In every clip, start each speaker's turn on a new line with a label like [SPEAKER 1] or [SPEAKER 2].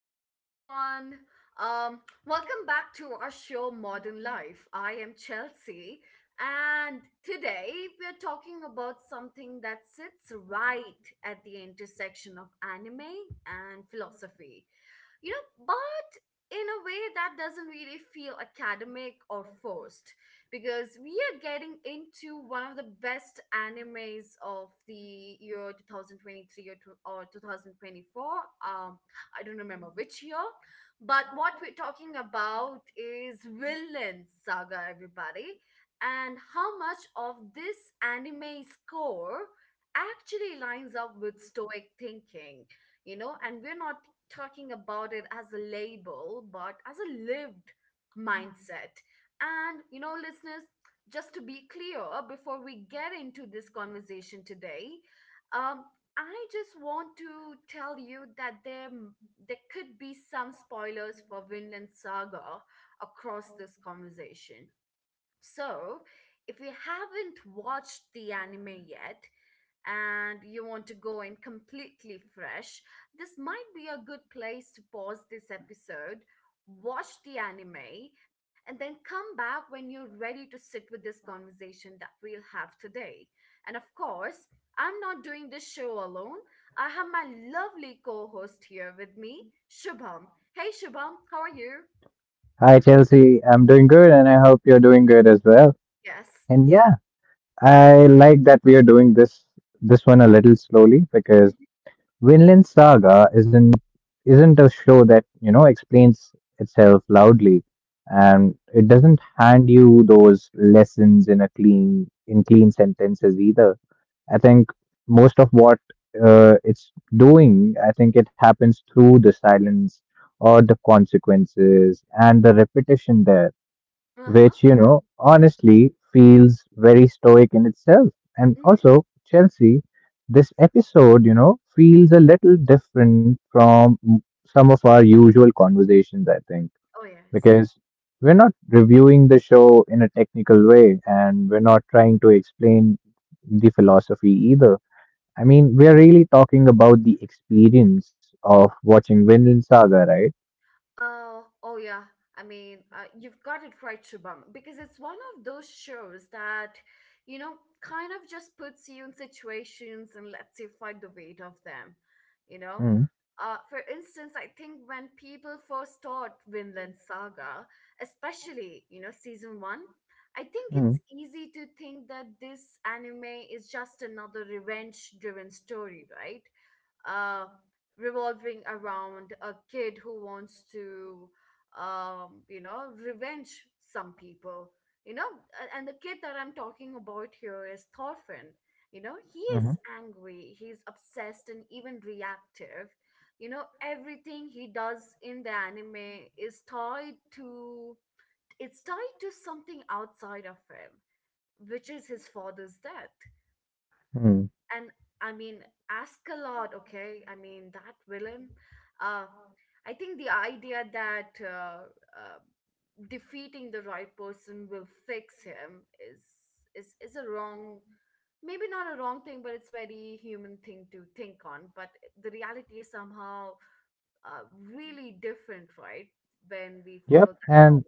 [SPEAKER 1] hello everyone. Um, Welcome back to our show Modern Life. I am Chelsea, and today we're talking about something that sits right at the intersection of anime and philosophy. You know, but in a way that doesn't really feel academic or forced because we are getting into one of the best animes of the year 2023 or 2024. Um, I don't remember which year, but what we're talking about is Villain Saga, everybody, and how much of this anime's core actually lines up with Stoic thinking, you know, and we're not talking about it as a label, but as a lived mindset and, you know, listeners, just to be clear before we get into this conversation today, um, I just want to tell you that there could be some spoilers for Vinland Saga across this conversation. So, if you haven't watched the anime yet and you want to go in completely fresh, this might be a good place to pause this episode, watch the anime, and then come back when you're ready to sit with this conversation that we'll have today. And of course, I'm not doing this show alone. I have my lovely co host here with me, Shubham. Hey, Shubham, how are you?
[SPEAKER 2] Hi, Chelsea. I'm doing good, and I hope you're doing good as well.
[SPEAKER 1] Yes.
[SPEAKER 2] And yeah, I like that we are doing this one a little slowly because
[SPEAKER 1] Mhm.
[SPEAKER 2] Vinland Saga isn't a show that you know explains itself loudly, and it doesn't hand you those lessons in a clean in clean sentences either. I think most of what it's doing, I think it happens through the silence or the consequences and the repetition there
[SPEAKER 1] Uh huh.
[SPEAKER 2] which, you know, honestly feels very stoic in itself. And
[SPEAKER 1] Mhm.
[SPEAKER 2] also, Chelsea, this episode, you know, feels a little different from some of our usual conversations, I think,
[SPEAKER 1] Oh, yes.
[SPEAKER 2] because we're not reviewing the show in a technical way and we're not trying to explain the philosophy either. I mean, we're really talking about the experience of watching Vinland Saga, right?
[SPEAKER 1] Oh, oh yeah. I mean, you've got it right, Shubham, because it's one of those shows that, you know, kind of just puts you in situations and lets you fight the weight of them, you know?
[SPEAKER 2] Mm,
[SPEAKER 1] For instance, I think when people first start Vinland Saga, especially, you know, season one, I think it's
[SPEAKER 2] mm,
[SPEAKER 1] easy to think that this anime is just another revenge driven story, right? Uh, Revolving around a kid who wants to you know revenge some people you know and the kid that I'm talking about here is thorfinn you know he is
[SPEAKER 2] mm-hmm,
[SPEAKER 1] angry he's obsessed and even reactive you know everything he does in the anime is tied to it's tied to something outside of him which is his father's death
[SPEAKER 2] mm.
[SPEAKER 1] and I mean, ask a lot, okay? I mean, that villain. Uh, I think the idea that uh, defeating the right person will fix him is a wrong, maybe not a wrong thing, but it's very human thing to think on. But the reality is somehow uh, really different, right? When we
[SPEAKER 2] Yep,
[SPEAKER 1] follow that
[SPEAKER 2] and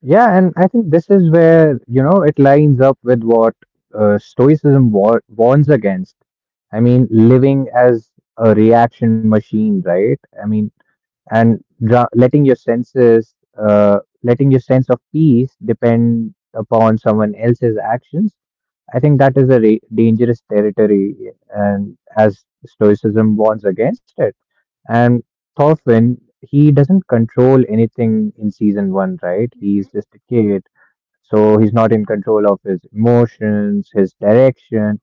[SPEAKER 2] Yeah, and I think this is where, you know, it lines up with what Stoicism warns against. I mean, living as a reaction machine, right? I mean, and letting your sense of peace depend upon someone else's actions. I think that is a dangerous territory, and as Stoicism warns against it. And Thorfinn, he doesn't control anything in season one, right? He's just a kid, so he's not in control of his emotions, his direction,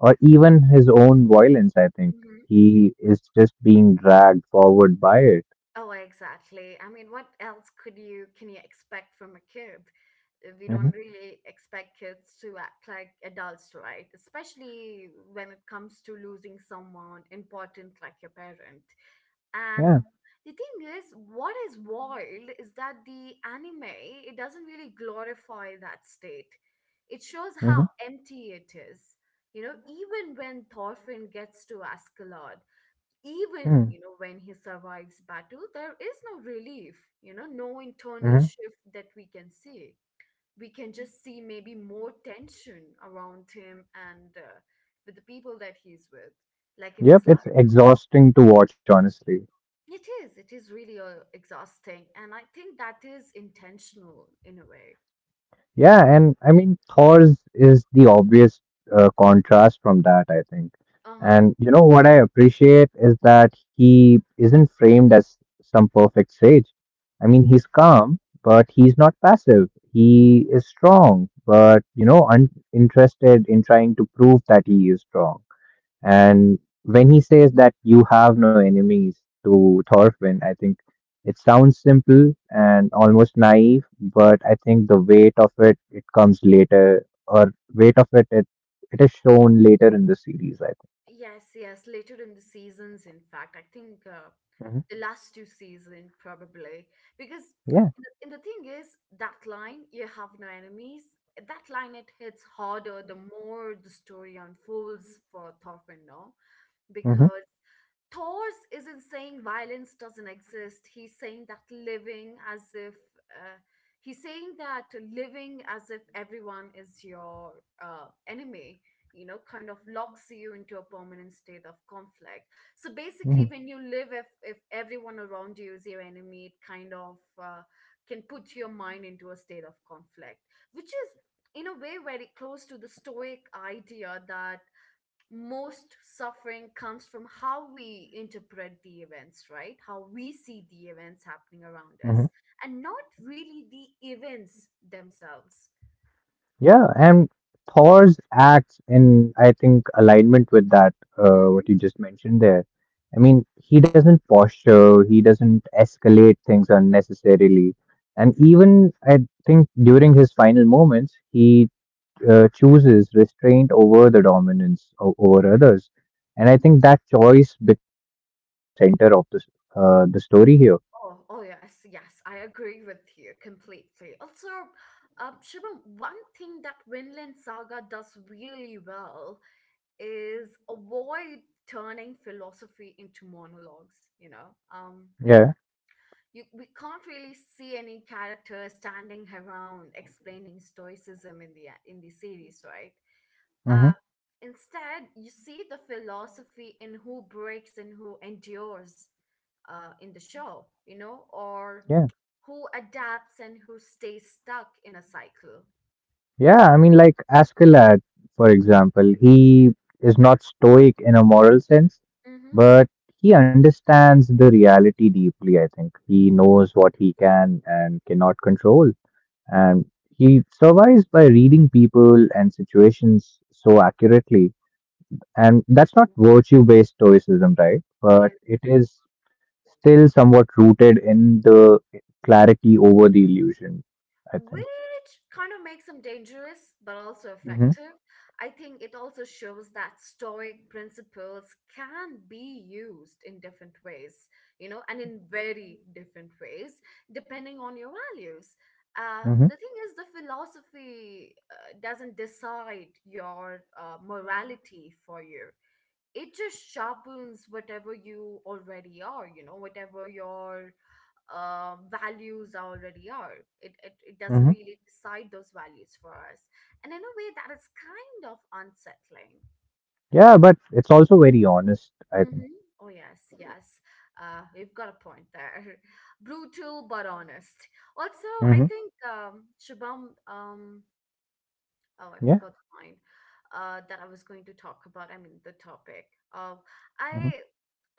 [SPEAKER 2] or even his own violence. I think
[SPEAKER 1] path.
[SPEAKER 2] he is just being dragged forward by it.
[SPEAKER 1] Oh, exactly. I mean, what else could you can you expect from a kid? We don't
[SPEAKER 2] Hmm.
[SPEAKER 1] really expect kids to act like adults, right? Especially when it comes to losing someone important like your parent. And
[SPEAKER 2] Yeah.
[SPEAKER 1] the thing is, what is wild is that the anime, it doesn't really glorify that state. It shows how
[SPEAKER 2] Hmm.
[SPEAKER 1] empty it is. You know, even when Thorfinn gets to Ascalon even
[SPEAKER 2] Mm-hmm.
[SPEAKER 1] you know when he survives battle there is no relief you know no internal
[SPEAKER 2] Mm-hmm.
[SPEAKER 1] shift that we can see we can just see maybe more tension around him and with the people that he's with like in his
[SPEAKER 2] Yep,
[SPEAKER 1] life
[SPEAKER 2] it's exhausting to watch, honestly.
[SPEAKER 1] it is really exhausting and I think that is intentional in a way
[SPEAKER 2] Yeah, and I mean, Thor's is the obvious contrast from that, I think.
[SPEAKER 1] uh-huh
[SPEAKER 2] And you know what I appreciate is that he isn't framed as some perfect sage. I mean, he's calm, but he's not passive. He is strong, but you know, uninterested in trying to prove that he is strong. And when he says that you have no enemies to Thorfinn, I think it sounds simple and almost naive, but I think the weight of it comes later, or weight of it, is shown later in the series. I
[SPEAKER 1] Yes, yes, later in the seasons, in fact, I think
[SPEAKER 2] think. Mhm.
[SPEAKER 1] the last two season probably because
[SPEAKER 2] Yeah.
[SPEAKER 1] and the thing is that line you have no enemies that line it hits harder the more the story unfolds for Thorfinn, no?
[SPEAKER 2] Mm-hmm.
[SPEAKER 1] because Thor's isn't saying violence doesn't exist. He's saying that living as if uh, he's saying that living as if everyone is your enemy, you know, kind of locks you into a permanent state of conflict. So basically, when you live, if everyone around you is your enemy, it kind of can put your mind into a state of conflict, which is in a way very close to the Stoic idea that most suffering comes from how we interpret the events, right? How we see the events happening around
[SPEAKER 2] Mm-hmm.
[SPEAKER 1] us, and not really the events themselves.
[SPEAKER 2] Yeah, and Thor's acts in, I think, alignment with that,
[SPEAKER 1] Mhm.
[SPEAKER 2] what you just mentioned there. I mean, he doesn't posture, he doesn't escalate things unnecessarily. And even, I think, during his final moments, he chooses restraint over the dominance over others. And I think that choice becomes the moral center of the story here.
[SPEAKER 1] Oh, oh yes, yes, I agree with you completely. Also, Shubham, one thing that Vinland Saga does really well is avoid turning philosophy into monologues.
[SPEAKER 2] Yeah.
[SPEAKER 1] You we can't really see any character standing around explaining stoicism in the series right uh
[SPEAKER 2] Mm-hmm.
[SPEAKER 1] instead you see the philosophy in who breaks and who endures in the show you know or who adapts and who stays stuck in a cycle
[SPEAKER 2] Yeah, I mean, like Askeladd, for example, he is not stoic in a moral sense,
[SPEAKER 1] mm-hmm.
[SPEAKER 2] but he understands the reality deeply, I think. He knows what he can and cannot control, and he survives by reading people and situations so accurately. And that's not virtue-based stoicism, right?
[SPEAKER 1] oh
[SPEAKER 2] But
[SPEAKER 1] yeah.
[SPEAKER 2] it is still somewhat rooted in the clarity over the illusion, I think.
[SPEAKER 1] which kind of makes him dangerous but also
[SPEAKER 2] Mm-hmm,
[SPEAKER 1] effective. I think it also shows that stoic principles can be used in different ways, you know, and in very different ways depending on your values. The thing is, the philosophy doesn't decide your morality for you. It just sharpens whatever you already are, you know, whatever your values already are. It doesn't
[SPEAKER 2] mm-hmm.
[SPEAKER 1] really decide those values for us, and in a way that is kind of unsettling.
[SPEAKER 2] Yeah, but it's also very honest, I think.
[SPEAKER 1] Mm-hmm. Oh yes, yes. We've got a point there. Brutal but honest. Also, I
[SPEAKER 2] Hmm.
[SPEAKER 1] think Shubham, Oh, I
[SPEAKER 2] Yeah.
[SPEAKER 1] forgot mine. That I was going to talk about. I mean, the topic. Uh,
[SPEAKER 2] Hmm.
[SPEAKER 1] I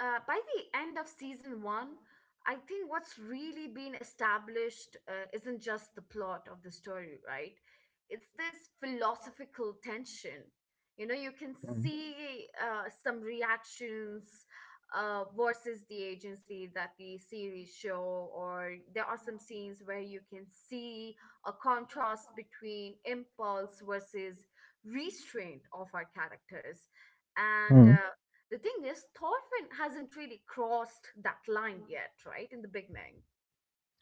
[SPEAKER 1] By the end of season one, I think what's really been established isn't just the plot of the story, right? It's this philosophical tension. You know, you can
[SPEAKER 2] Hmm.
[SPEAKER 1] see some reactions versus the agency that the series show, or there are some scenes where you can see a contrast between impulse versus restraint of our characters. And
[SPEAKER 2] Hmm.
[SPEAKER 1] the thing is, Thorfinn hasn't really crossed that line yet, right, in the beginning.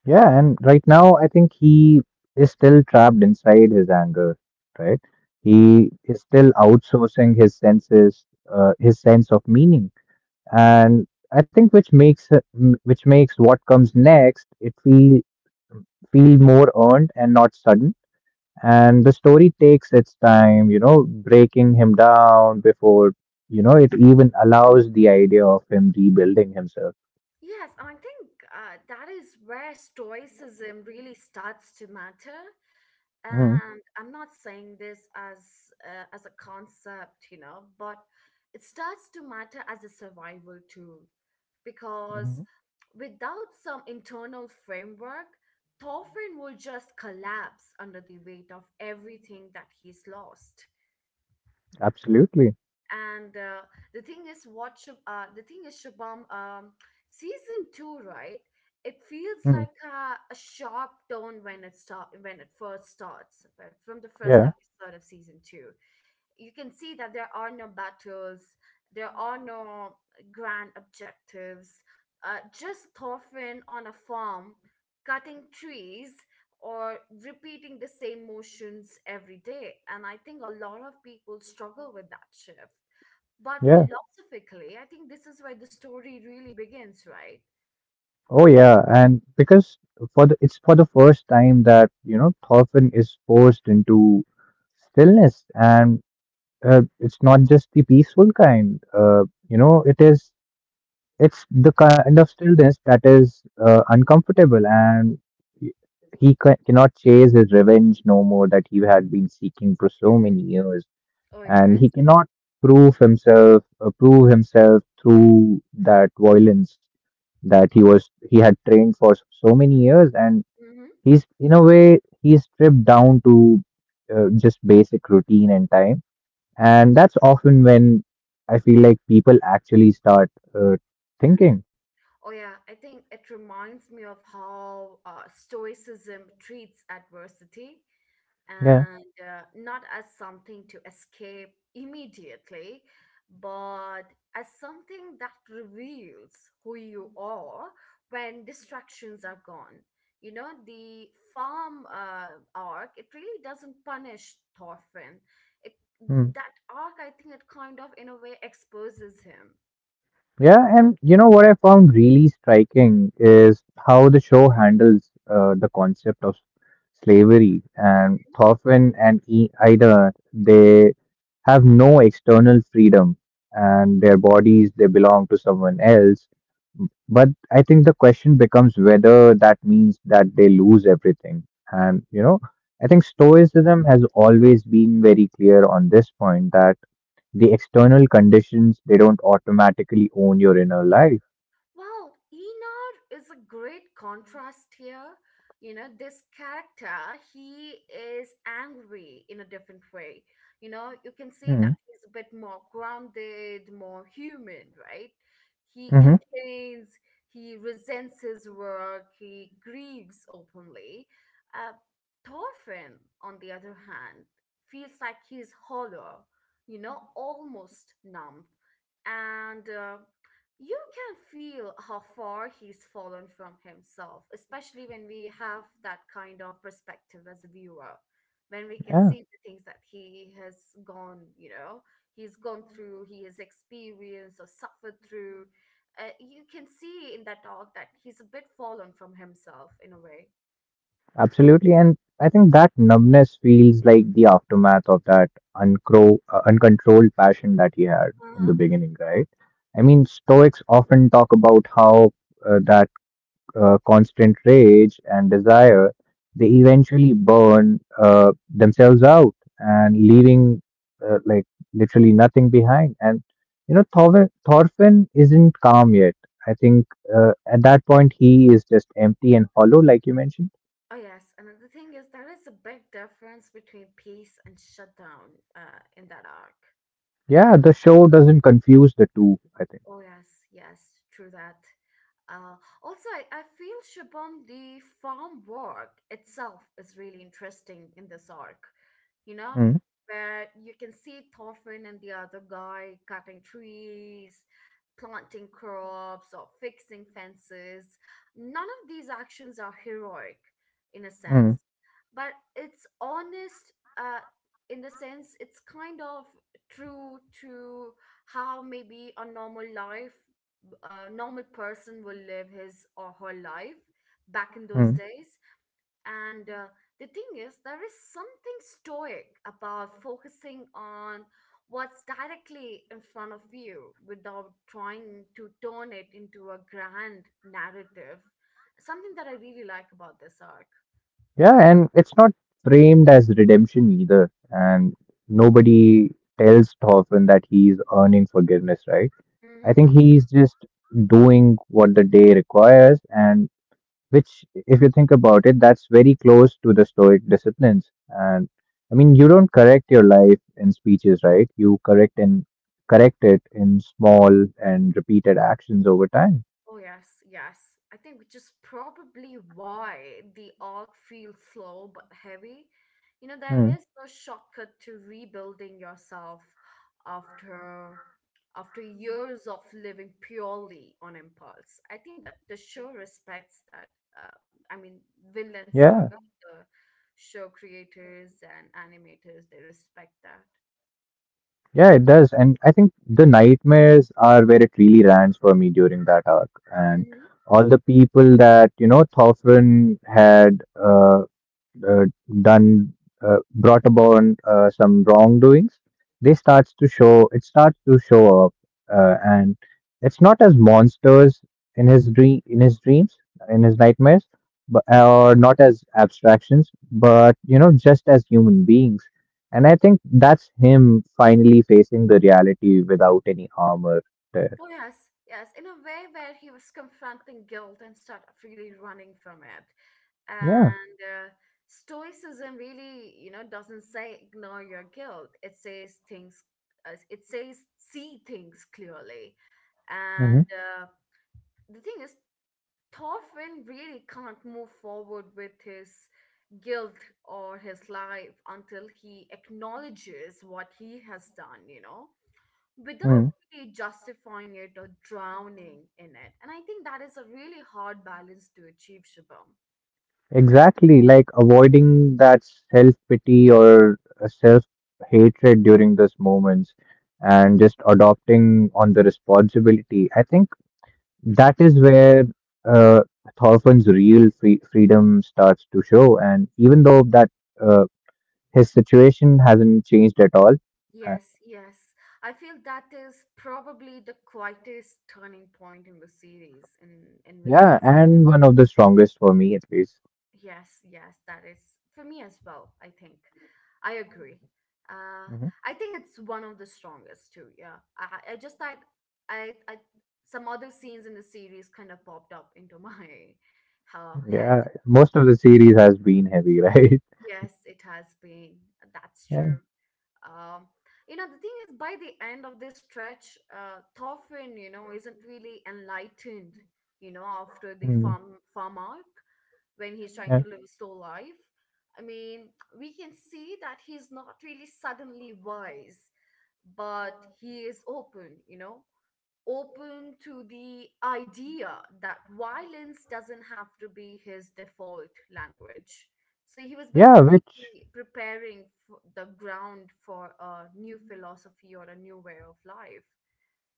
[SPEAKER 2] Yeah, and right now I think he is still trapped inside his anger, right? He is still outsourcing his senses, his sense of meaning, and I think which makes what comes next it feel feel more earned and not sudden. And the story takes its time, you know, breaking him down before, you know, it even allows the idea of him rebuilding himself.
[SPEAKER 1] Yes, and I think that is where stoicism really starts to matter
[SPEAKER 2] Mm,
[SPEAKER 1] and I'm not saying this as a concept you know but it starts to matter as a survival tool
[SPEAKER 2] mhm.
[SPEAKER 1] because without some internal framework thorfinn will just collapse under the weight of everything that he's lost
[SPEAKER 2] Absolutely.
[SPEAKER 1] and the thing is Shubham season two right it feels
[SPEAKER 2] Mm,
[SPEAKER 1] like a sharp tone when it first starts right? from the first
[SPEAKER 2] yeah,
[SPEAKER 1] episode of season two you can see that there are no battles there are no grand objectives just Thorfinn on a farm cutting trees or repeating the same motions every day and I think a lot of people struggle with that shift but
[SPEAKER 2] yeah.
[SPEAKER 1] philosophically, I think this is where the story really begins, right?
[SPEAKER 2] Oh, yeah. And because it's for the first time that, you know, Thorfinn is forced into stillness and it's not just the peaceful kind. You know, it is. It's the kind of stillness that is uncomfortable, and he he cannot chase his revenge no more that he had been seeking for so
[SPEAKER 1] Mm-hmm.
[SPEAKER 2] many years,
[SPEAKER 1] Oh,
[SPEAKER 2] and he
[SPEAKER 1] yes.
[SPEAKER 2] cannot prove himself through that violence that he had trained for so many years, and he's in a way he's stripped down to just basic routine and time, and that's often when I feel like people actually start thinking.
[SPEAKER 1] Oh, yeah, I think it reminds me of how Stoicism treats adversity
[SPEAKER 2] Yeah.
[SPEAKER 1] and not as something to escape immediately, but as something that reveals who you are when distractions are gone. You know, the farm arc, it really doesn't punish Thorfinn. It,
[SPEAKER 2] Hmm.
[SPEAKER 1] that arc, I think it kind of, in a way, exposes him.
[SPEAKER 2] Yeah, and you know what I found really striking is how the show handles the concept of slavery. And Thorfinn and Ida, they have no external freedom, and their bodies they belong to someone else. But I think the question becomes whether that means that they lose everything. And you know, I think Stoicism has always been very clear on this point that the external conditions, they don't automatically own your inner life.
[SPEAKER 1] Well, Enar is a great contrast here. You know, this character, he is angry in a different way. You know, you can see
[SPEAKER 2] Hmm.
[SPEAKER 1] that he's a bit more grounded, more human, right? He
[SPEAKER 2] Hmm.
[SPEAKER 1] complains, he resents his work, he grieves openly. Uh, Thorfinn, on the other hand, feels like he's hollow, you know, almost numb. And you can feel how far he's fallen from himself, especially when we have that kind of perspective as a viewer, when we can
[SPEAKER 2] Yeah,
[SPEAKER 1] see the things that he has gone, you know, he's gone through, he has experienced or suffered through. You can see in that dog that he's a bit fallen from himself in a way.
[SPEAKER 2] absolutely. And I think that numbness feels like the aftermath of that uncontrolled passion that he had
[SPEAKER 1] Uh
[SPEAKER 2] in the
[SPEAKER 1] huh.
[SPEAKER 2] beginning, right? I mean, Stoics often talk about how that constant rage and desire, they eventually burn themselves out and leaving like literally nothing behind. And you know, Thorfinn isn't calm yet. I think at that point he is just empty and hollow, like you mentioned.
[SPEAKER 1] Oh, yes. And then the thing is, there is a big difference between peace and shutdown in that arc.
[SPEAKER 2] Yeah, the show doesn't confuse the two. I think.
[SPEAKER 1] Oh yes, yes, true that. Uh, also, I feel Shabam, the farm work itself is really interesting in this arc, you know,
[SPEAKER 2] Mm,
[SPEAKER 1] where you can see Thorfinn and the other guy cutting trees, planting crops, or fixing fences. None of these actions are heroic in a
[SPEAKER 2] mm,
[SPEAKER 1] sense, but it's honest uh, in the sense it's kind of true to how maybe a normal person will live his or her life back in those
[SPEAKER 2] mm.
[SPEAKER 1] days and the thing is there is something stoic about focusing on what's directly in front of you without trying to turn it into a grand narrative something that I really like about this arc
[SPEAKER 2] Yeah, and it's not framed as redemption either, and nobody tells Thorfinn that he's earning forgiveness, right? I think
[SPEAKER 1] Mm-hmm.
[SPEAKER 2] he's just doing what the day requires, and which, if you think about it, that's very close to the Stoic disciplines. And I mean, you don't correct your life in speeches, right? You correct it in small and repeated actions over time.
[SPEAKER 1] Oh, yes, yes. I think which is probably why the arc feels slow but heavy. You know, there
[SPEAKER 2] Hmm.
[SPEAKER 1] is no shortcut to rebuilding yourself after after years of living purely on impulse. I think that the show respects that. I mean,
[SPEAKER 2] Yeah,
[SPEAKER 1] Vinland Saga, the show creators and animators, they respect that.
[SPEAKER 2] yeah, it does. And I think the nightmares are where it really lands for me during that arc, and
[SPEAKER 1] Hmm
[SPEAKER 2] all the people that you know Thorfinn had. Uh, done Brought upon some wrongdoings, they starts to show it starts to show up and it's not as monsters in his dreams in his nightmares, but or not as abstractions but you know just as human beings. And I think that's him finally facing the reality without any armor there.
[SPEAKER 1] Oh, yes, yes. In a way where he was confronting guilt instead of really running from it.
[SPEAKER 2] Yeah.
[SPEAKER 1] And Stoicism really, you know, doesn't say ignore your guilt. It says things, it says see things clearly. And The thing is, Thorfinn really can't move forward with his guilt or his life until he acknowledges what he has done, you know, without
[SPEAKER 2] Mm-hmm.
[SPEAKER 1] really justifying it or drowning in it. And I think that is a really hard balance to achieve, Shubham.
[SPEAKER 2] Exactly, like avoiding that self pity or self hatred during those moments and just adopting on the responsibility. I think that is where uh, Thorfinn's real freedom starts to show. And even though that uh, his situation hasn't changed at all, uh,
[SPEAKER 1] Yes, yes. I feel that is probably the quietest turning point in the series, in Vinland.
[SPEAKER 2] yeah, and one of the strongest for me at least.
[SPEAKER 1] Yes, yes, that is for me as well, I think. I agree. Uh,
[SPEAKER 2] Hmm.
[SPEAKER 1] I think it's one of the strongest too, yeah. I just like I some other scenes in the series kind of popped up into my head.
[SPEAKER 2] Yeah, most of the series has been heavy, right?
[SPEAKER 1] Yes, it has been. That's
[SPEAKER 2] Yeah.
[SPEAKER 1] true. Um, you know, the thing is, by the end of this stretch, Thorfinn, you know, isn't really enlightened, you know, after the
[SPEAKER 2] Mm.
[SPEAKER 1] farm arc when he's trying to
[SPEAKER 2] Yeah.
[SPEAKER 1] live a slow life. I mean, we can see that he's not really suddenly wise, but he is open, you know, open to the idea that violence doesn't have to be his default language. So he was
[SPEAKER 2] Yeah, which
[SPEAKER 1] basically the ground for a new philosophy or a new way of life.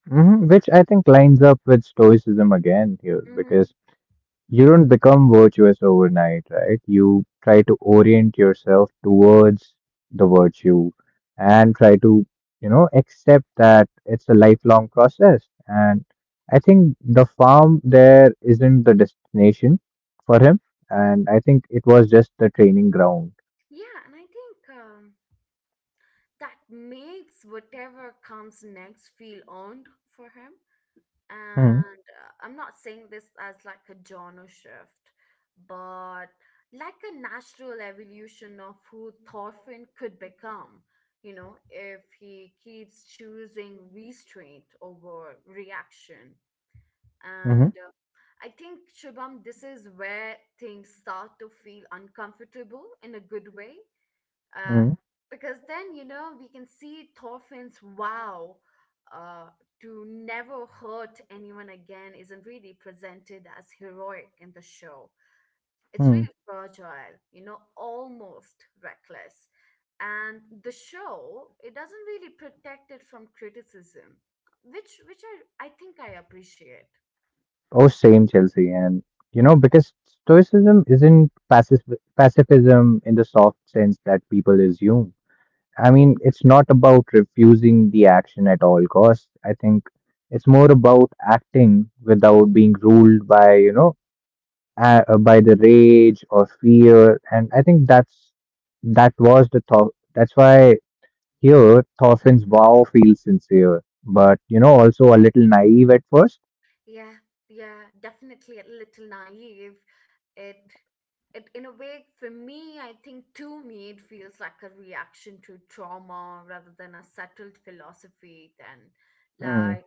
[SPEAKER 2] Mhm, which I think lines up with Stoicism again here,
[SPEAKER 1] Hmm.
[SPEAKER 2] because you don't become virtuous overnight, right? You try to orient yourself towards the virtue and try to, you know, accept that it's a lifelong process. And I think the farm there isn't the destination for him, and I think it was just the training ground.
[SPEAKER 1] Yeah, and I think that makes whatever comes next feel earned for him. And I'm not saying this as like a genre shift, but like a natural evolution of who Thorfinn could become, you know, if he keeps choosing restraint over reaction.
[SPEAKER 2] Mm-hmm.
[SPEAKER 1] And I think, Shubham, this is where things start to feel uncomfortable in a good way, uh, because then, you know, we can see Thorfinn's vow, uh, to never hurt anyone again, isn't really presented as heroic in the show. It's
[SPEAKER 2] Mm-hmm.
[SPEAKER 1] really fragile, you know, almost reckless. And the show, it doesn't really protect it from criticism, which I think I appreciate.
[SPEAKER 2] Oh, same, Chelsea. And, you know, because Stoicism isn't pacifism in the soft sense that people assume. I mean, it's not about refusing the action at all costs. I think it's more about acting without being ruled by, you know, by the rage or fear. And I think that's that was the thought. That's why here Thorfinn's vow feels sincere, but, you know, also a little naive at first.
[SPEAKER 1] Yeah, yeah, definitely a little naive. It it in a way for me, I think to me it feels like a reaction to trauma rather than a settled philosophy then,
[SPEAKER 2] Hmm.
[SPEAKER 1] like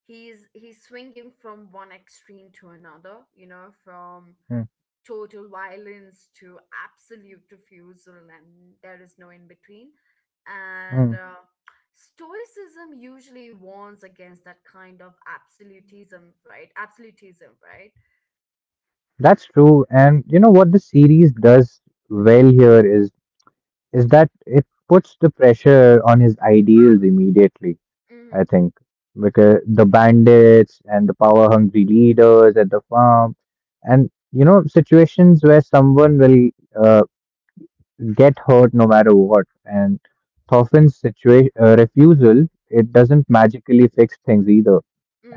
[SPEAKER 1] he's swinging from one extreme to another, you know, from
[SPEAKER 2] Hmm,
[SPEAKER 1] total violence to absolute refusal, and there is no in between. And
[SPEAKER 2] hmm.
[SPEAKER 1] Stoicism usually warns against that kind of absolutism, right? Absolutism, right?
[SPEAKER 2] That's true. And you know what the series does well here is that it puts the pressure on his ideals immediately,
[SPEAKER 1] Mm-hmm.
[SPEAKER 2] I think. Because the bandits and the power hungry leaders at the farm and you know situations where someone will uh, get hurt no matter what and Thorfinn's situation refusal, it doesn't magically fix things either,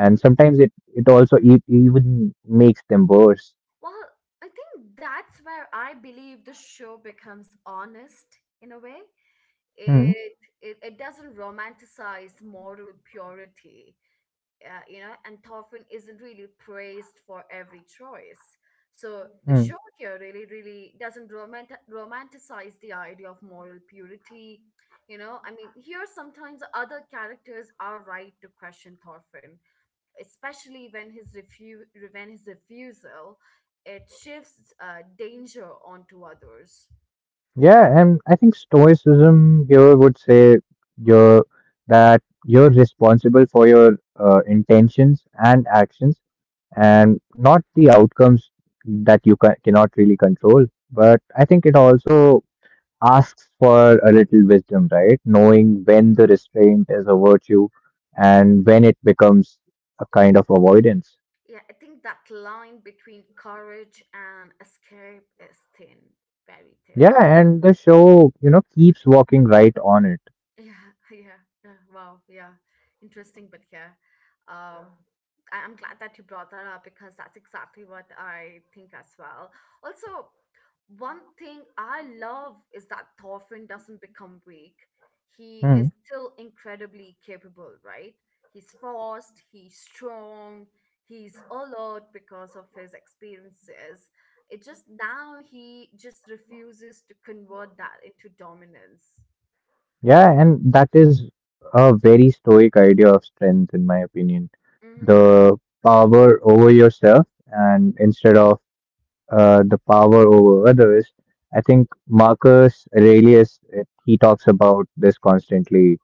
[SPEAKER 2] and sometimes it also even makes them worse.
[SPEAKER 1] Well, I think that's where I believe the show becomes honest in a way.
[SPEAKER 2] Hmm.
[SPEAKER 1] It it doesn't romanticize moral purity. You know, and Thorfinn isn't really praised for every choice. So the show here really, really doesn't romanticize the idea of moral purity. You know, I mean, here sometimes other characters are right to question Thorfinn, especially when his when his refusal, it shifts danger onto others.
[SPEAKER 2] Yeah, and I think stoicism here would say you're that you're responsible for your intentions and actions and not the outcomes that you cannot really control. But I think it also asks for a little wisdom, right? Knowing when the restraint is a virtue and when it becomes a kind of avoidance.
[SPEAKER 1] Yeah, I think that line between courage and escape is thin, very thin.
[SPEAKER 2] Yeah, and the show, you know, keeps walking right on it.
[SPEAKER 1] Yeah, yeah, yeah. Wow, yeah. Interesting, but yeah. Um, I- I'm glad that you brought that up because that's exactly what I think as well. Also, one thing I love is that Thorfinn doesn't become weak. He is
[SPEAKER 2] Hmm.
[SPEAKER 1] still incredibly capable, right? He's fast, he's strong, he's alert because of his experiences. It just now he just refuses to convert that into dominance.
[SPEAKER 2] Yeah, and that is a very stoic idea of strength, in my opinion.
[SPEAKER 1] Mm-hmm.
[SPEAKER 2] The power over yourself, and instead of the power over others, I think Marcus Aurelius he talks about this constantly,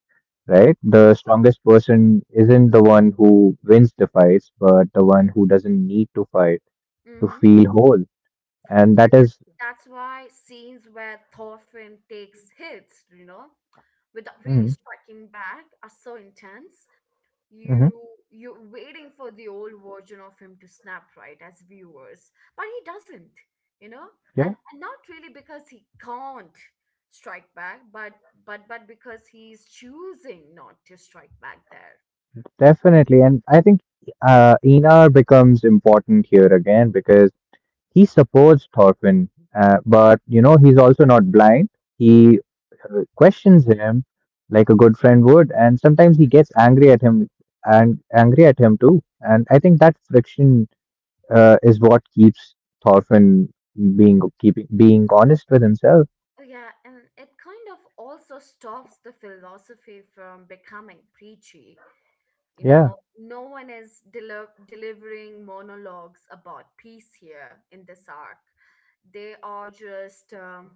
[SPEAKER 2] right? The strongest person isn't the one who wins the fights, but the one who doesn't need to fight to
[SPEAKER 1] Mm-hmm.
[SPEAKER 2] feel whole, and that is.
[SPEAKER 1] That's why scenes where Thorfinn takes hits, you know, without really
[SPEAKER 2] Mhm,
[SPEAKER 1] striking back are so intense. You,
[SPEAKER 2] mhm.
[SPEAKER 1] you're waiting for the old version of him to snap right as viewers, but he doesn't, you know, and not really because he can't strike back, but but because he's choosing not to strike back there.
[SPEAKER 2] Definitely. And I think Einar becomes important here again because he supports Thorfinn, but you know, he's also not blind. He questions him like a good friend would, and sometimes he gets angry at him too. And I think that friction is what keeps Thorfinn being keeping being honest with himself.
[SPEAKER 1] Oh, yeah, and it kind of also stops the philosophy from becoming preachy. You know,
[SPEAKER 2] Yeah.
[SPEAKER 1] no one is delivering monologues about peace here in this arc. They are just um,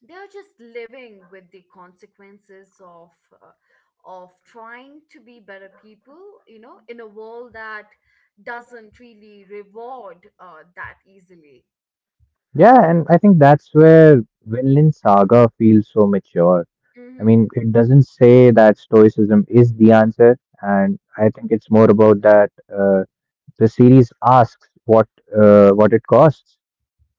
[SPEAKER 1] they are just living with the consequences of, uh, of trying to be better people. You know, in a world that doesn't really reward that easily.
[SPEAKER 2] Yeah, and I think that's where Vinland Saga feels so mature. I
[SPEAKER 1] Mm-hmm.
[SPEAKER 2] mean, it doesn't say that stoicism is the answer, and I think it's more about that uh, the series asks what it costs,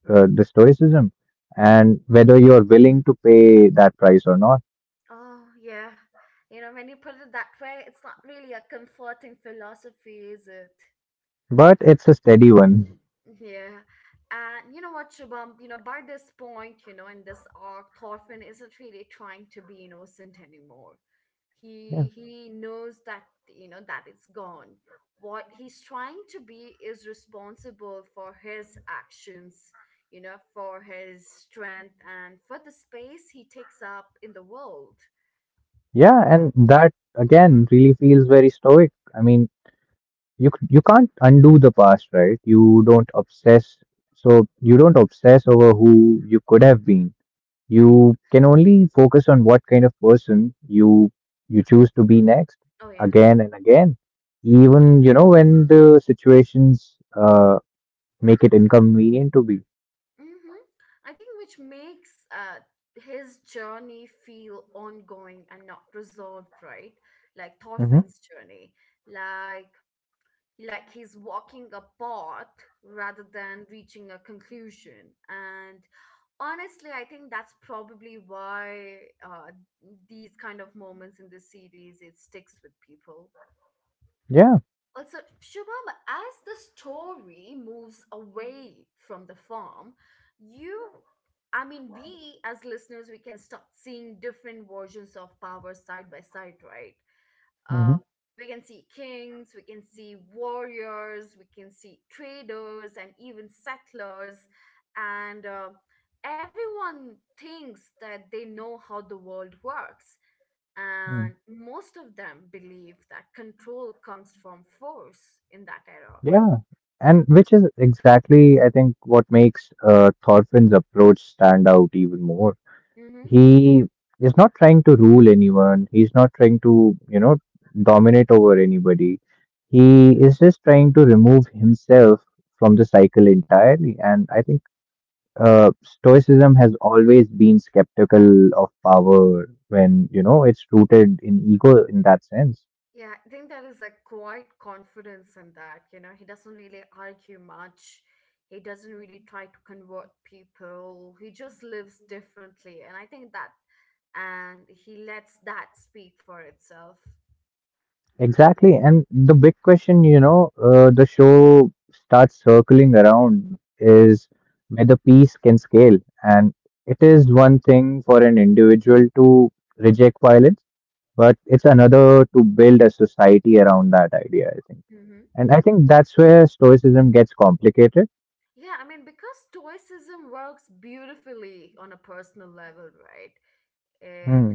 [SPEAKER 2] the stoicism, and whether you're willing to pay that price or not.
[SPEAKER 1] Oh yeah, you know, when you put it that way, it's not really a comforting philosophy, is it?
[SPEAKER 2] But it's a steady one.
[SPEAKER 1] Yeah. And you know what, Shubham, you know, by this point, you know, in this arc, Thorfinn isn't really trying to be innocent anymore. He
[SPEAKER 2] Yeah,
[SPEAKER 1] he knows that, you know, that it's gone. What he's trying to be is responsible for his actions, you know, for his strength and for the space he takes up in the world.
[SPEAKER 2] yeah, and that again really feels very stoic. I mean, you can't undo the past, right? You don't obsess, so you don't obsess over who you could have been. You can only focus on what kind of person you choose to be next,
[SPEAKER 1] Oh yes.
[SPEAKER 2] again and again, even when the situations make it inconvenient to be.
[SPEAKER 1] Mm-hmm. I think which makes his journey feel ongoing and not resolved, right? Like
[SPEAKER 2] hmm
[SPEAKER 1] Thorfinn's journey, like like he's walking a path rather than reaching a conclusion. And honestly, I think that's probably why, uh, these kind of moments in the series, it sticks with people.
[SPEAKER 2] yeah
[SPEAKER 1] Also, Shubham, as the story moves away from the farm, you, I mean, we as listeners, we can start seeing different versions of power side by side, right? Um,
[SPEAKER 2] hmm
[SPEAKER 1] we can see kings, we can see warriors, we can see traders, and even settlers. And Everyone thinks that they know how the world works. And
[SPEAKER 2] mm
[SPEAKER 1] most of them believe that control comes from force in that era.
[SPEAKER 2] yeah, and which is exactly I think what makes Thorfinn's approach stand out even more.
[SPEAKER 1] Hmm.
[SPEAKER 2] He is not trying to rule anyone. He's not trying to, dominate over anybody. He is just trying to remove himself from the cycle entirely. And I think stoicism has always been skeptical of power when, it's rooted in ego in that sense.
[SPEAKER 1] Yeah, I think there is a quite confidence in that. You know, he doesn't really argue much. He doesn't really try to convert people. He just lives differently. And I think that, and he lets that speak for itself.
[SPEAKER 2] Exactly. And the big question, the show starts circling around is whether peace can scale. And it is one thing for an individual to reject violence, but it's another to build a society around that idea, I think.
[SPEAKER 1] Mm-hmm.
[SPEAKER 2] And I think that's where stoicism gets complicated.
[SPEAKER 1] Yeah, I mean, because stoicism works beautifully on a personal level, right?
[SPEAKER 2] Hmm.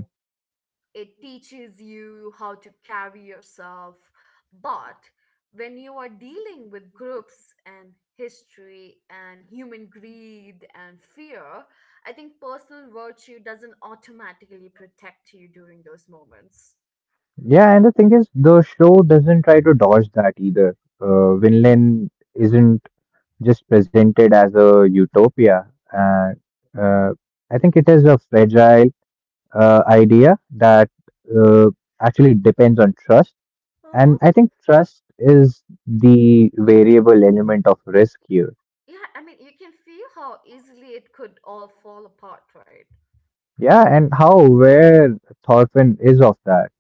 [SPEAKER 1] It teaches you how to carry yourself. But when you are dealing with groups and history and human greed and fear, I think personal virtue doesn't automatically protect you during those moments.
[SPEAKER 2] Yeah, and the thing is, the show doesn't try to dodge that either. Vinland isn't just presented as a utopia. Uh, uh, I think it is a fragile idea that uh, actually depends on trust. And
[SPEAKER 1] Uh-huh.
[SPEAKER 2] I think trust is the variable element of risk here.
[SPEAKER 1] Yeah, I mean, you can feel how easily it could all fall apart, right?
[SPEAKER 2] Yeah, and how aware Thorfinn is of that.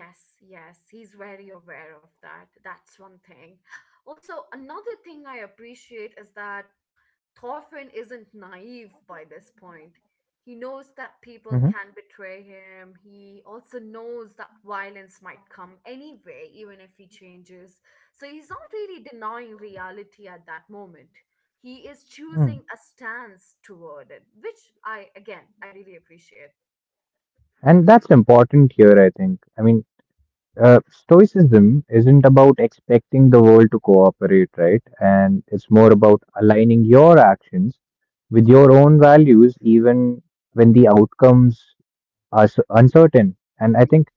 [SPEAKER 1] Yes, yes, he's very aware of that. That's one thing. Also, another thing I appreciate is that Thorfinn isn't naive by this point. He
[SPEAKER 2] Hmm.
[SPEAKER 1] knows that people can betray him. He also knows that violence might come anyway, even if he changes. So he's not really denying reality at that moment. He is choosing a stance toward it, which I, again, I really appreciate.
[SPEAKER 2] And that's important here, I think. I mean, stoicism isn't about expecting the world to cooperate, right? And it's more about aligning your actions with your own values, even when the outcomes are uncertain. And I think
[SPEAKER 1] Mm-hmm.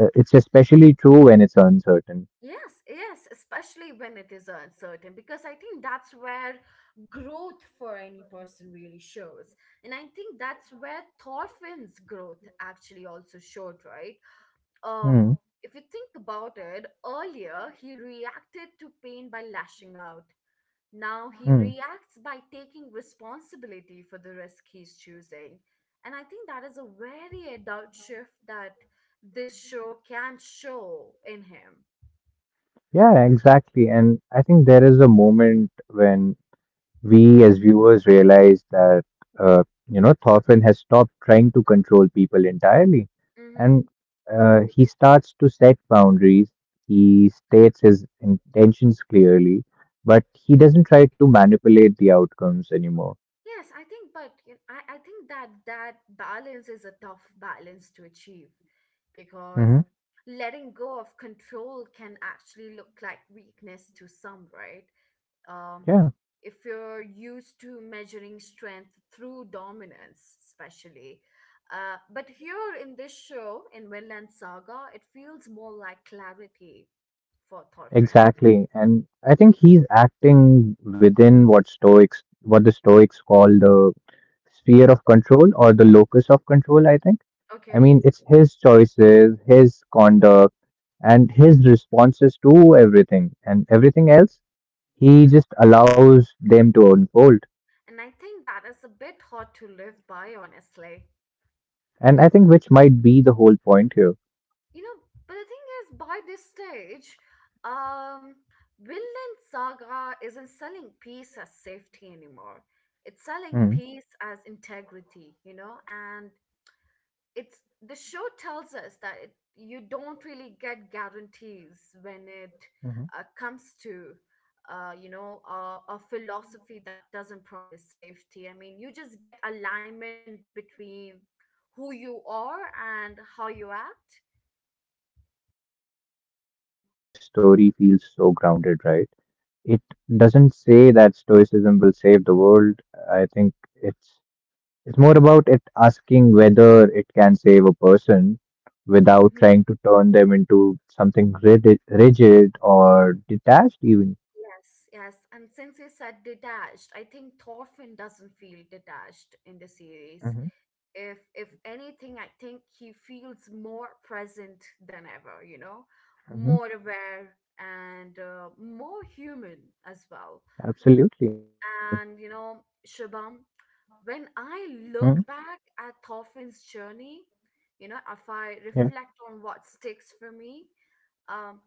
[SPEAKER 2] it's especially true when it's uncertain.
[SPEAKER 1] Yes, yes, especially when it is uncertain, because I think that's where growth for any person really shows. And I think that's where Thorfinn's growth actually also showed, right?
[SPEAKER 2] Hmm.
[SPEAKER 1] Um, if you think about it, earlier he reacted to pain by lashing out. Now he
[SPEAKER 2] Hmm.
[SPEAKER 1] reacts by taking responsibility for the risk he's choosing. And I think that is a very adult shift that this show can show in him.
[SPEAKER 2] Yeah, exactly. And I think there is a moment when we as viewers realize that uh, Thorfinn has stopped trying to control people entirely, and
[SPEAKER 1] Mm-hmm.
[SPEAKER 2] he starts to set boundaries. He states his intentions clearly, but he doesn't try to manipulate the outcomes anymore.
[SPEAKER 1] Yes, I think, but you know, I think that that balance is a tough balance to achieve
[SPEAKER 2] Hmm.
[SPEAKER 1] because letting go of control can actually look like weakness to some, right? Um,
[SPEAKER 2] Yeah.
[SPEAKER 1] if you're used to measuring strength through dominance, especially. But here in this show, in Vinland Saga, it feels more like clarity for Thorfinn.
[SPEAKER 2] Exactly. And I think he's acting within what Stoics, what the Stoics call the sphere of control or the locus of control, I think. I mean,
[SPEAKER 1] Okay?
[SPEAKER 2] it's his choices, his conduct, and his responses to everything. And everything else, he just allows them to unfold.
[SPEAKER 1] And I think that is a bit hard to live by, honestly.
[SPEAKER 2] And I think which might be the whole point here.
[SPEAKER 1] You know, but the thing is, by this stage, um, Vinland Saga isn't selling peace as safety anymore. It's
[SPEAKER 2] Hmm.
[SPEAKER 1] selling peace as integrity, you know, and it's the show tells us that it, you don't really get guarantees when it,
[SPEAKER 2] Mm-hmm.
[SPEAKER 1] comes to, you know, a philosophy that doesn't promise safety. I mean, you just get alignment between who you are and how you act.
[SPEAKER 2] Yeah, and I think that's probably why the story feels so grounded, right? It doesn't say that stoicism will save the world. I think it's more about it asking whether it can save a person without
[SPEAKER 1] Mm-hmm.
[SPEAKER 2] trying to turn them into something rigid or detached even.
[SPEAKER 1] Yes, yes. And since you said detached, I think Thorfinn doesn't feel detached in the series.
[SPEAKER 2] Hmm.
[SPEAKER 1] If anything, I think he feels more present than ever, you know,
[SPEAKER 2] Hmm.
[SPEAKER 1] more aware and more human as well.
[SPEAKER 2] Absolutely.
[SPEAKER 1] And you know, Shubham, when I
[SPEAKER 2] Mm.
[SPEAKER 1] look back at Thorfinn's journey, you know, if
[SPEAKER 2] Yeah.
[SPEAKER 1] I reflect on what sticks for me, um,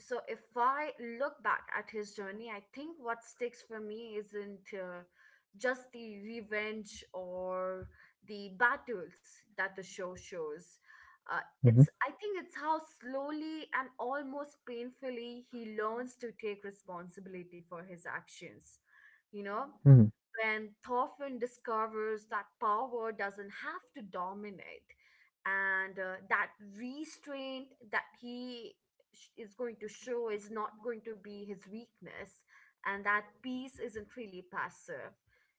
[SPEAKER 1] so if I look back at his journey, I think what sticks for me isn't, just the revenge or the battles that the show shows. Uh,
[SPEAKER 2] Hmm.
[SPEAKER 1] it's I think it's how slowly and almost painfully he learns to take responsibility for his actions. You know,
[SPEAKER 2] Hmm.
[SPEAKER 1] when Thorfinn discovers that power doesn't have to dominate, and that restraint that he is going to show is not going to be his weakness and that peace isn't really passive.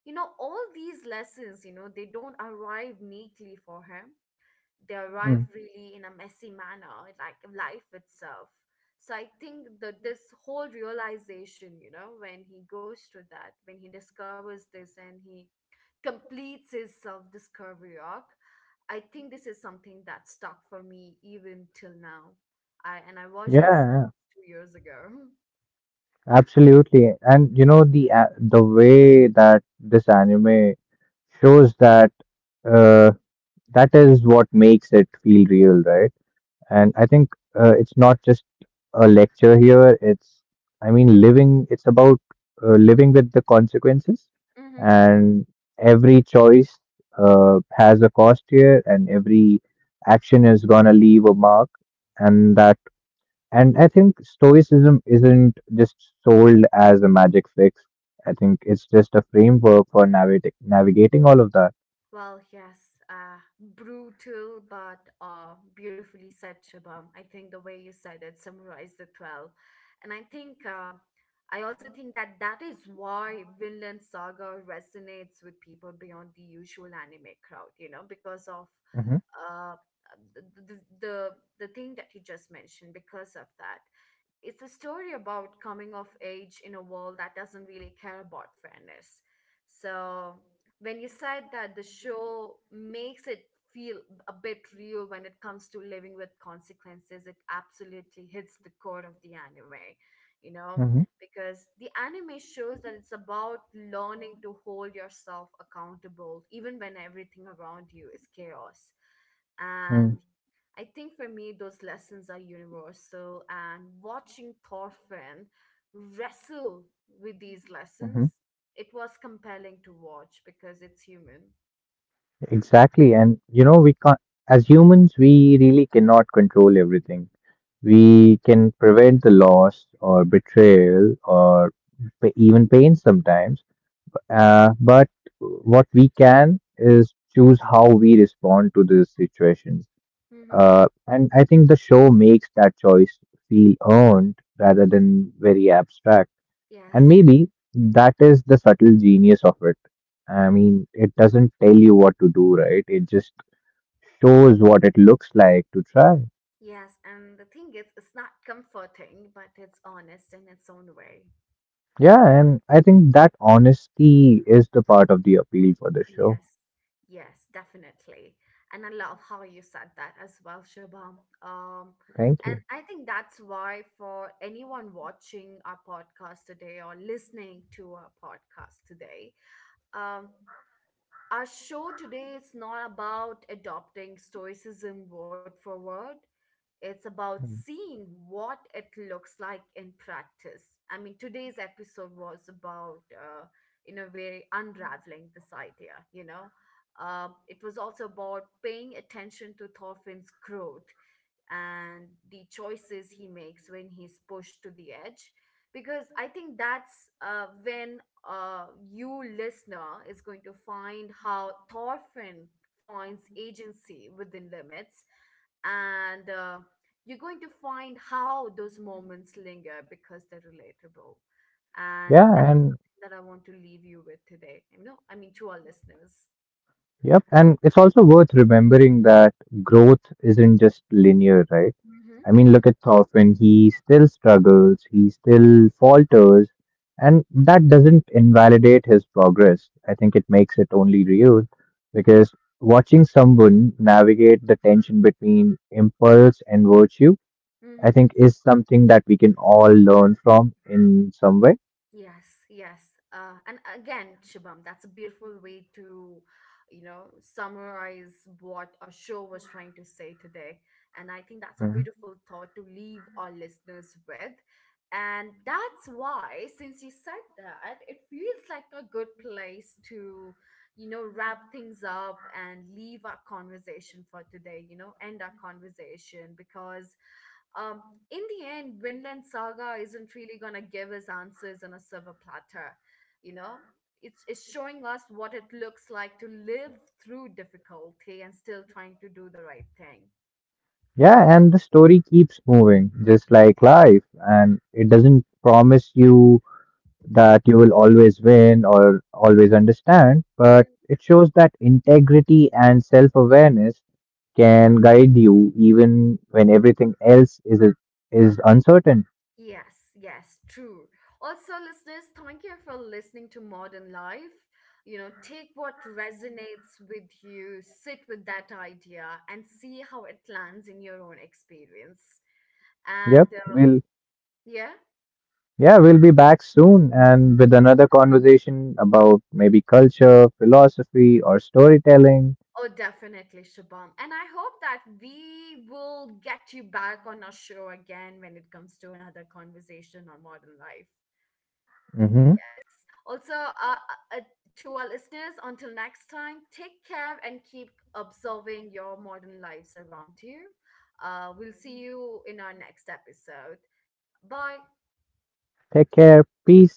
[SPEAKER 1] You know, all these lessons, you know, they don't arrive neatly for him, they arrive
[SPEAKER 2] Mm.
[SPEAKER 1] really in a messy manner, like life itself. So I think that this whole realization, you know, when he goes to that, when he discovers this and he completes his self-discovery arc, I think this is something that stuck for me even till now. I and I
[SPEAKER 2] Yeah,
[SPEAKER 1] watched this
[SPEAKER 2] yeah,
[SPEAKER 1] 2 years ago.
[SPEAKER 2] absolutely. And the the way that this anime shows that, uh, that is what makes it feel real, right? And I think it's not just a lecture here. It's, I mean, living, it's about living with the consequences. And every choice has a cost here, and every action is gonna leave a mark. And that, and I think stoicism isn't just sold as a magic fix. I think it's just a framework for navigating all of that.
[SPEAKER 1] Well, yes, brutal but beautifully said, Shubham. I think the way you said it summarized it well. And I think, I also think that that is why Vinland Saga resonates with people beyond the usual anime crowd, you know, because of
[SPEAKER 2] Mm-hmm,
[SPEAKER 1] uh, the, the, the, the thing that you just mentioned, because of that it's a story about coming of age in a world that doesn't really care about fairness. So when you said that the show makes it feel a bit real when it comes to living with consequences, it absolutely hits the core of the anime, you know, because the anime shows that it's about learning to hold yourself accountable even when everything around you is chaos. And
[SPEAKER 2] mm-hmm,
[SPEAKER 1] I think for me, those lessons are universal, and watching Thorfinn wrestle with these
[SPEAKER 2] mm-hmm.
[SPEAKER 1] lessons, it was compelling to watch because it's human.
[SPEAKER 2] Exactly. And we can't, as humans, we really cannot control everything. We can prevent the loss or betrayal or even pain sometimes. But what we can is choose how we respond to these situations.
[SPEAKER 1] Mm-hmm.
[SPEAKER 2] And I think the show makes that choice feel earned rather than very abstract. And
[SPEAKER 1] Yes,
[SPEAKER 2] maybe that is the subtle genius of it. I mean, it doesn't tell you what to do, right? It just shows what it looks like to try.
[SPEAKER 1] yes, and the thing is, it's not comforting, but it's honest in its own way.
[SPEAKER 2] Yeah, and I think that honesty is the part of the appeal for the show.
[SPEAKER 1] Yes, yes, definitely. And I love how you said that as well, Shubham.
[SPEAKER 2] Thank
[SPEAKER 1] And
[SPEAKER 2] you.
[SPEAKER 1] I think that's why for anyone watching our podcast today or listening to our podcast today, um, our show today is not about adopting stoicism word for word. It's about
[SPEAKER 2] Mm.
[SPEAKER 1] seeing what it looks like in practice. I mean, today's episode was about, in a way, unraveling this idea, you know. It was also about paying attention to Thorfinn's growth and the choices he makes when he's pushed to the edge, because I think that's when, you listener is going to find how Thorfinn finds agency within limits, and you're going to find how those moments linger because they're relatable, and
[SPEAKER 2] Yeah, and
[SPEAKER 1] that, that I want to leave you with today, you know, I mean to our listeners.
[SPEAKER 2] yep, and it's also worth remembering that growth isn't just linear, right? I mean, look at Thorfinn, he still struggles, he still falters, and that doesn't invalidate his progress. I think it makes it only real because watching someone navigate the tension between impulse and virtue, I
[SPEAKER 1] Mm-hmm.
[SPEAKER 2] think, is something that we can all learn from in some way.
[SPEAKER 1] Yes, yes. And again, Shubham, that's a beautiful way to, you know, summarize what our show was trying to say today. And I think that's a
[SPEAKER 2] Mhm.
[SPEAKER 1] beautiful thought to leave our listeners with. And that's why, since you said that, it feels like a good place to, you know, wrap things up and leave our conversation for today, you know, end our conversation because. Um, in the end, Vinland Saga isn't really gonna give us answers on a silver platter, you know? It's showing us what it looks like to live through difficulty and still trying to do the right thing.
[SPEAKER 2] Yeah, and the story keeps moving, just like life, and it doesn't promise you that you will always win or always understand,
[SPEAKER 1] Mm.
[SPEAKER 2] but it shows that integrity and self awareness can guide you even when everything else is uncertain.
[SPEAKER 1] Yes, yes, true. Also, listeners, thank you for listening to Modern Life. You know, take what resonates with you, sit with that idea, and see how it lands in your own experience. And
[SPEAKER 2] Yep, we'll,
[SPEAKER 1] yeah.
[SPEAKER 2] yeah, we'll be back soon and with another conversation about maybe culture, philosophy, or storytelling.
[SPEAKER 1] Oh, definitely, Shubham. And I hope that we will get you back on our show again when it comes to another conversation on modern life.
[SPEAKER 2] Hmm.
[SPEAKER 1] Yes. Also, to our listeners, until next time, take care and keep observing your modern lives around you. We'll see you in our next episode. Bye.
[SPEAKER 2] Take care. Peace.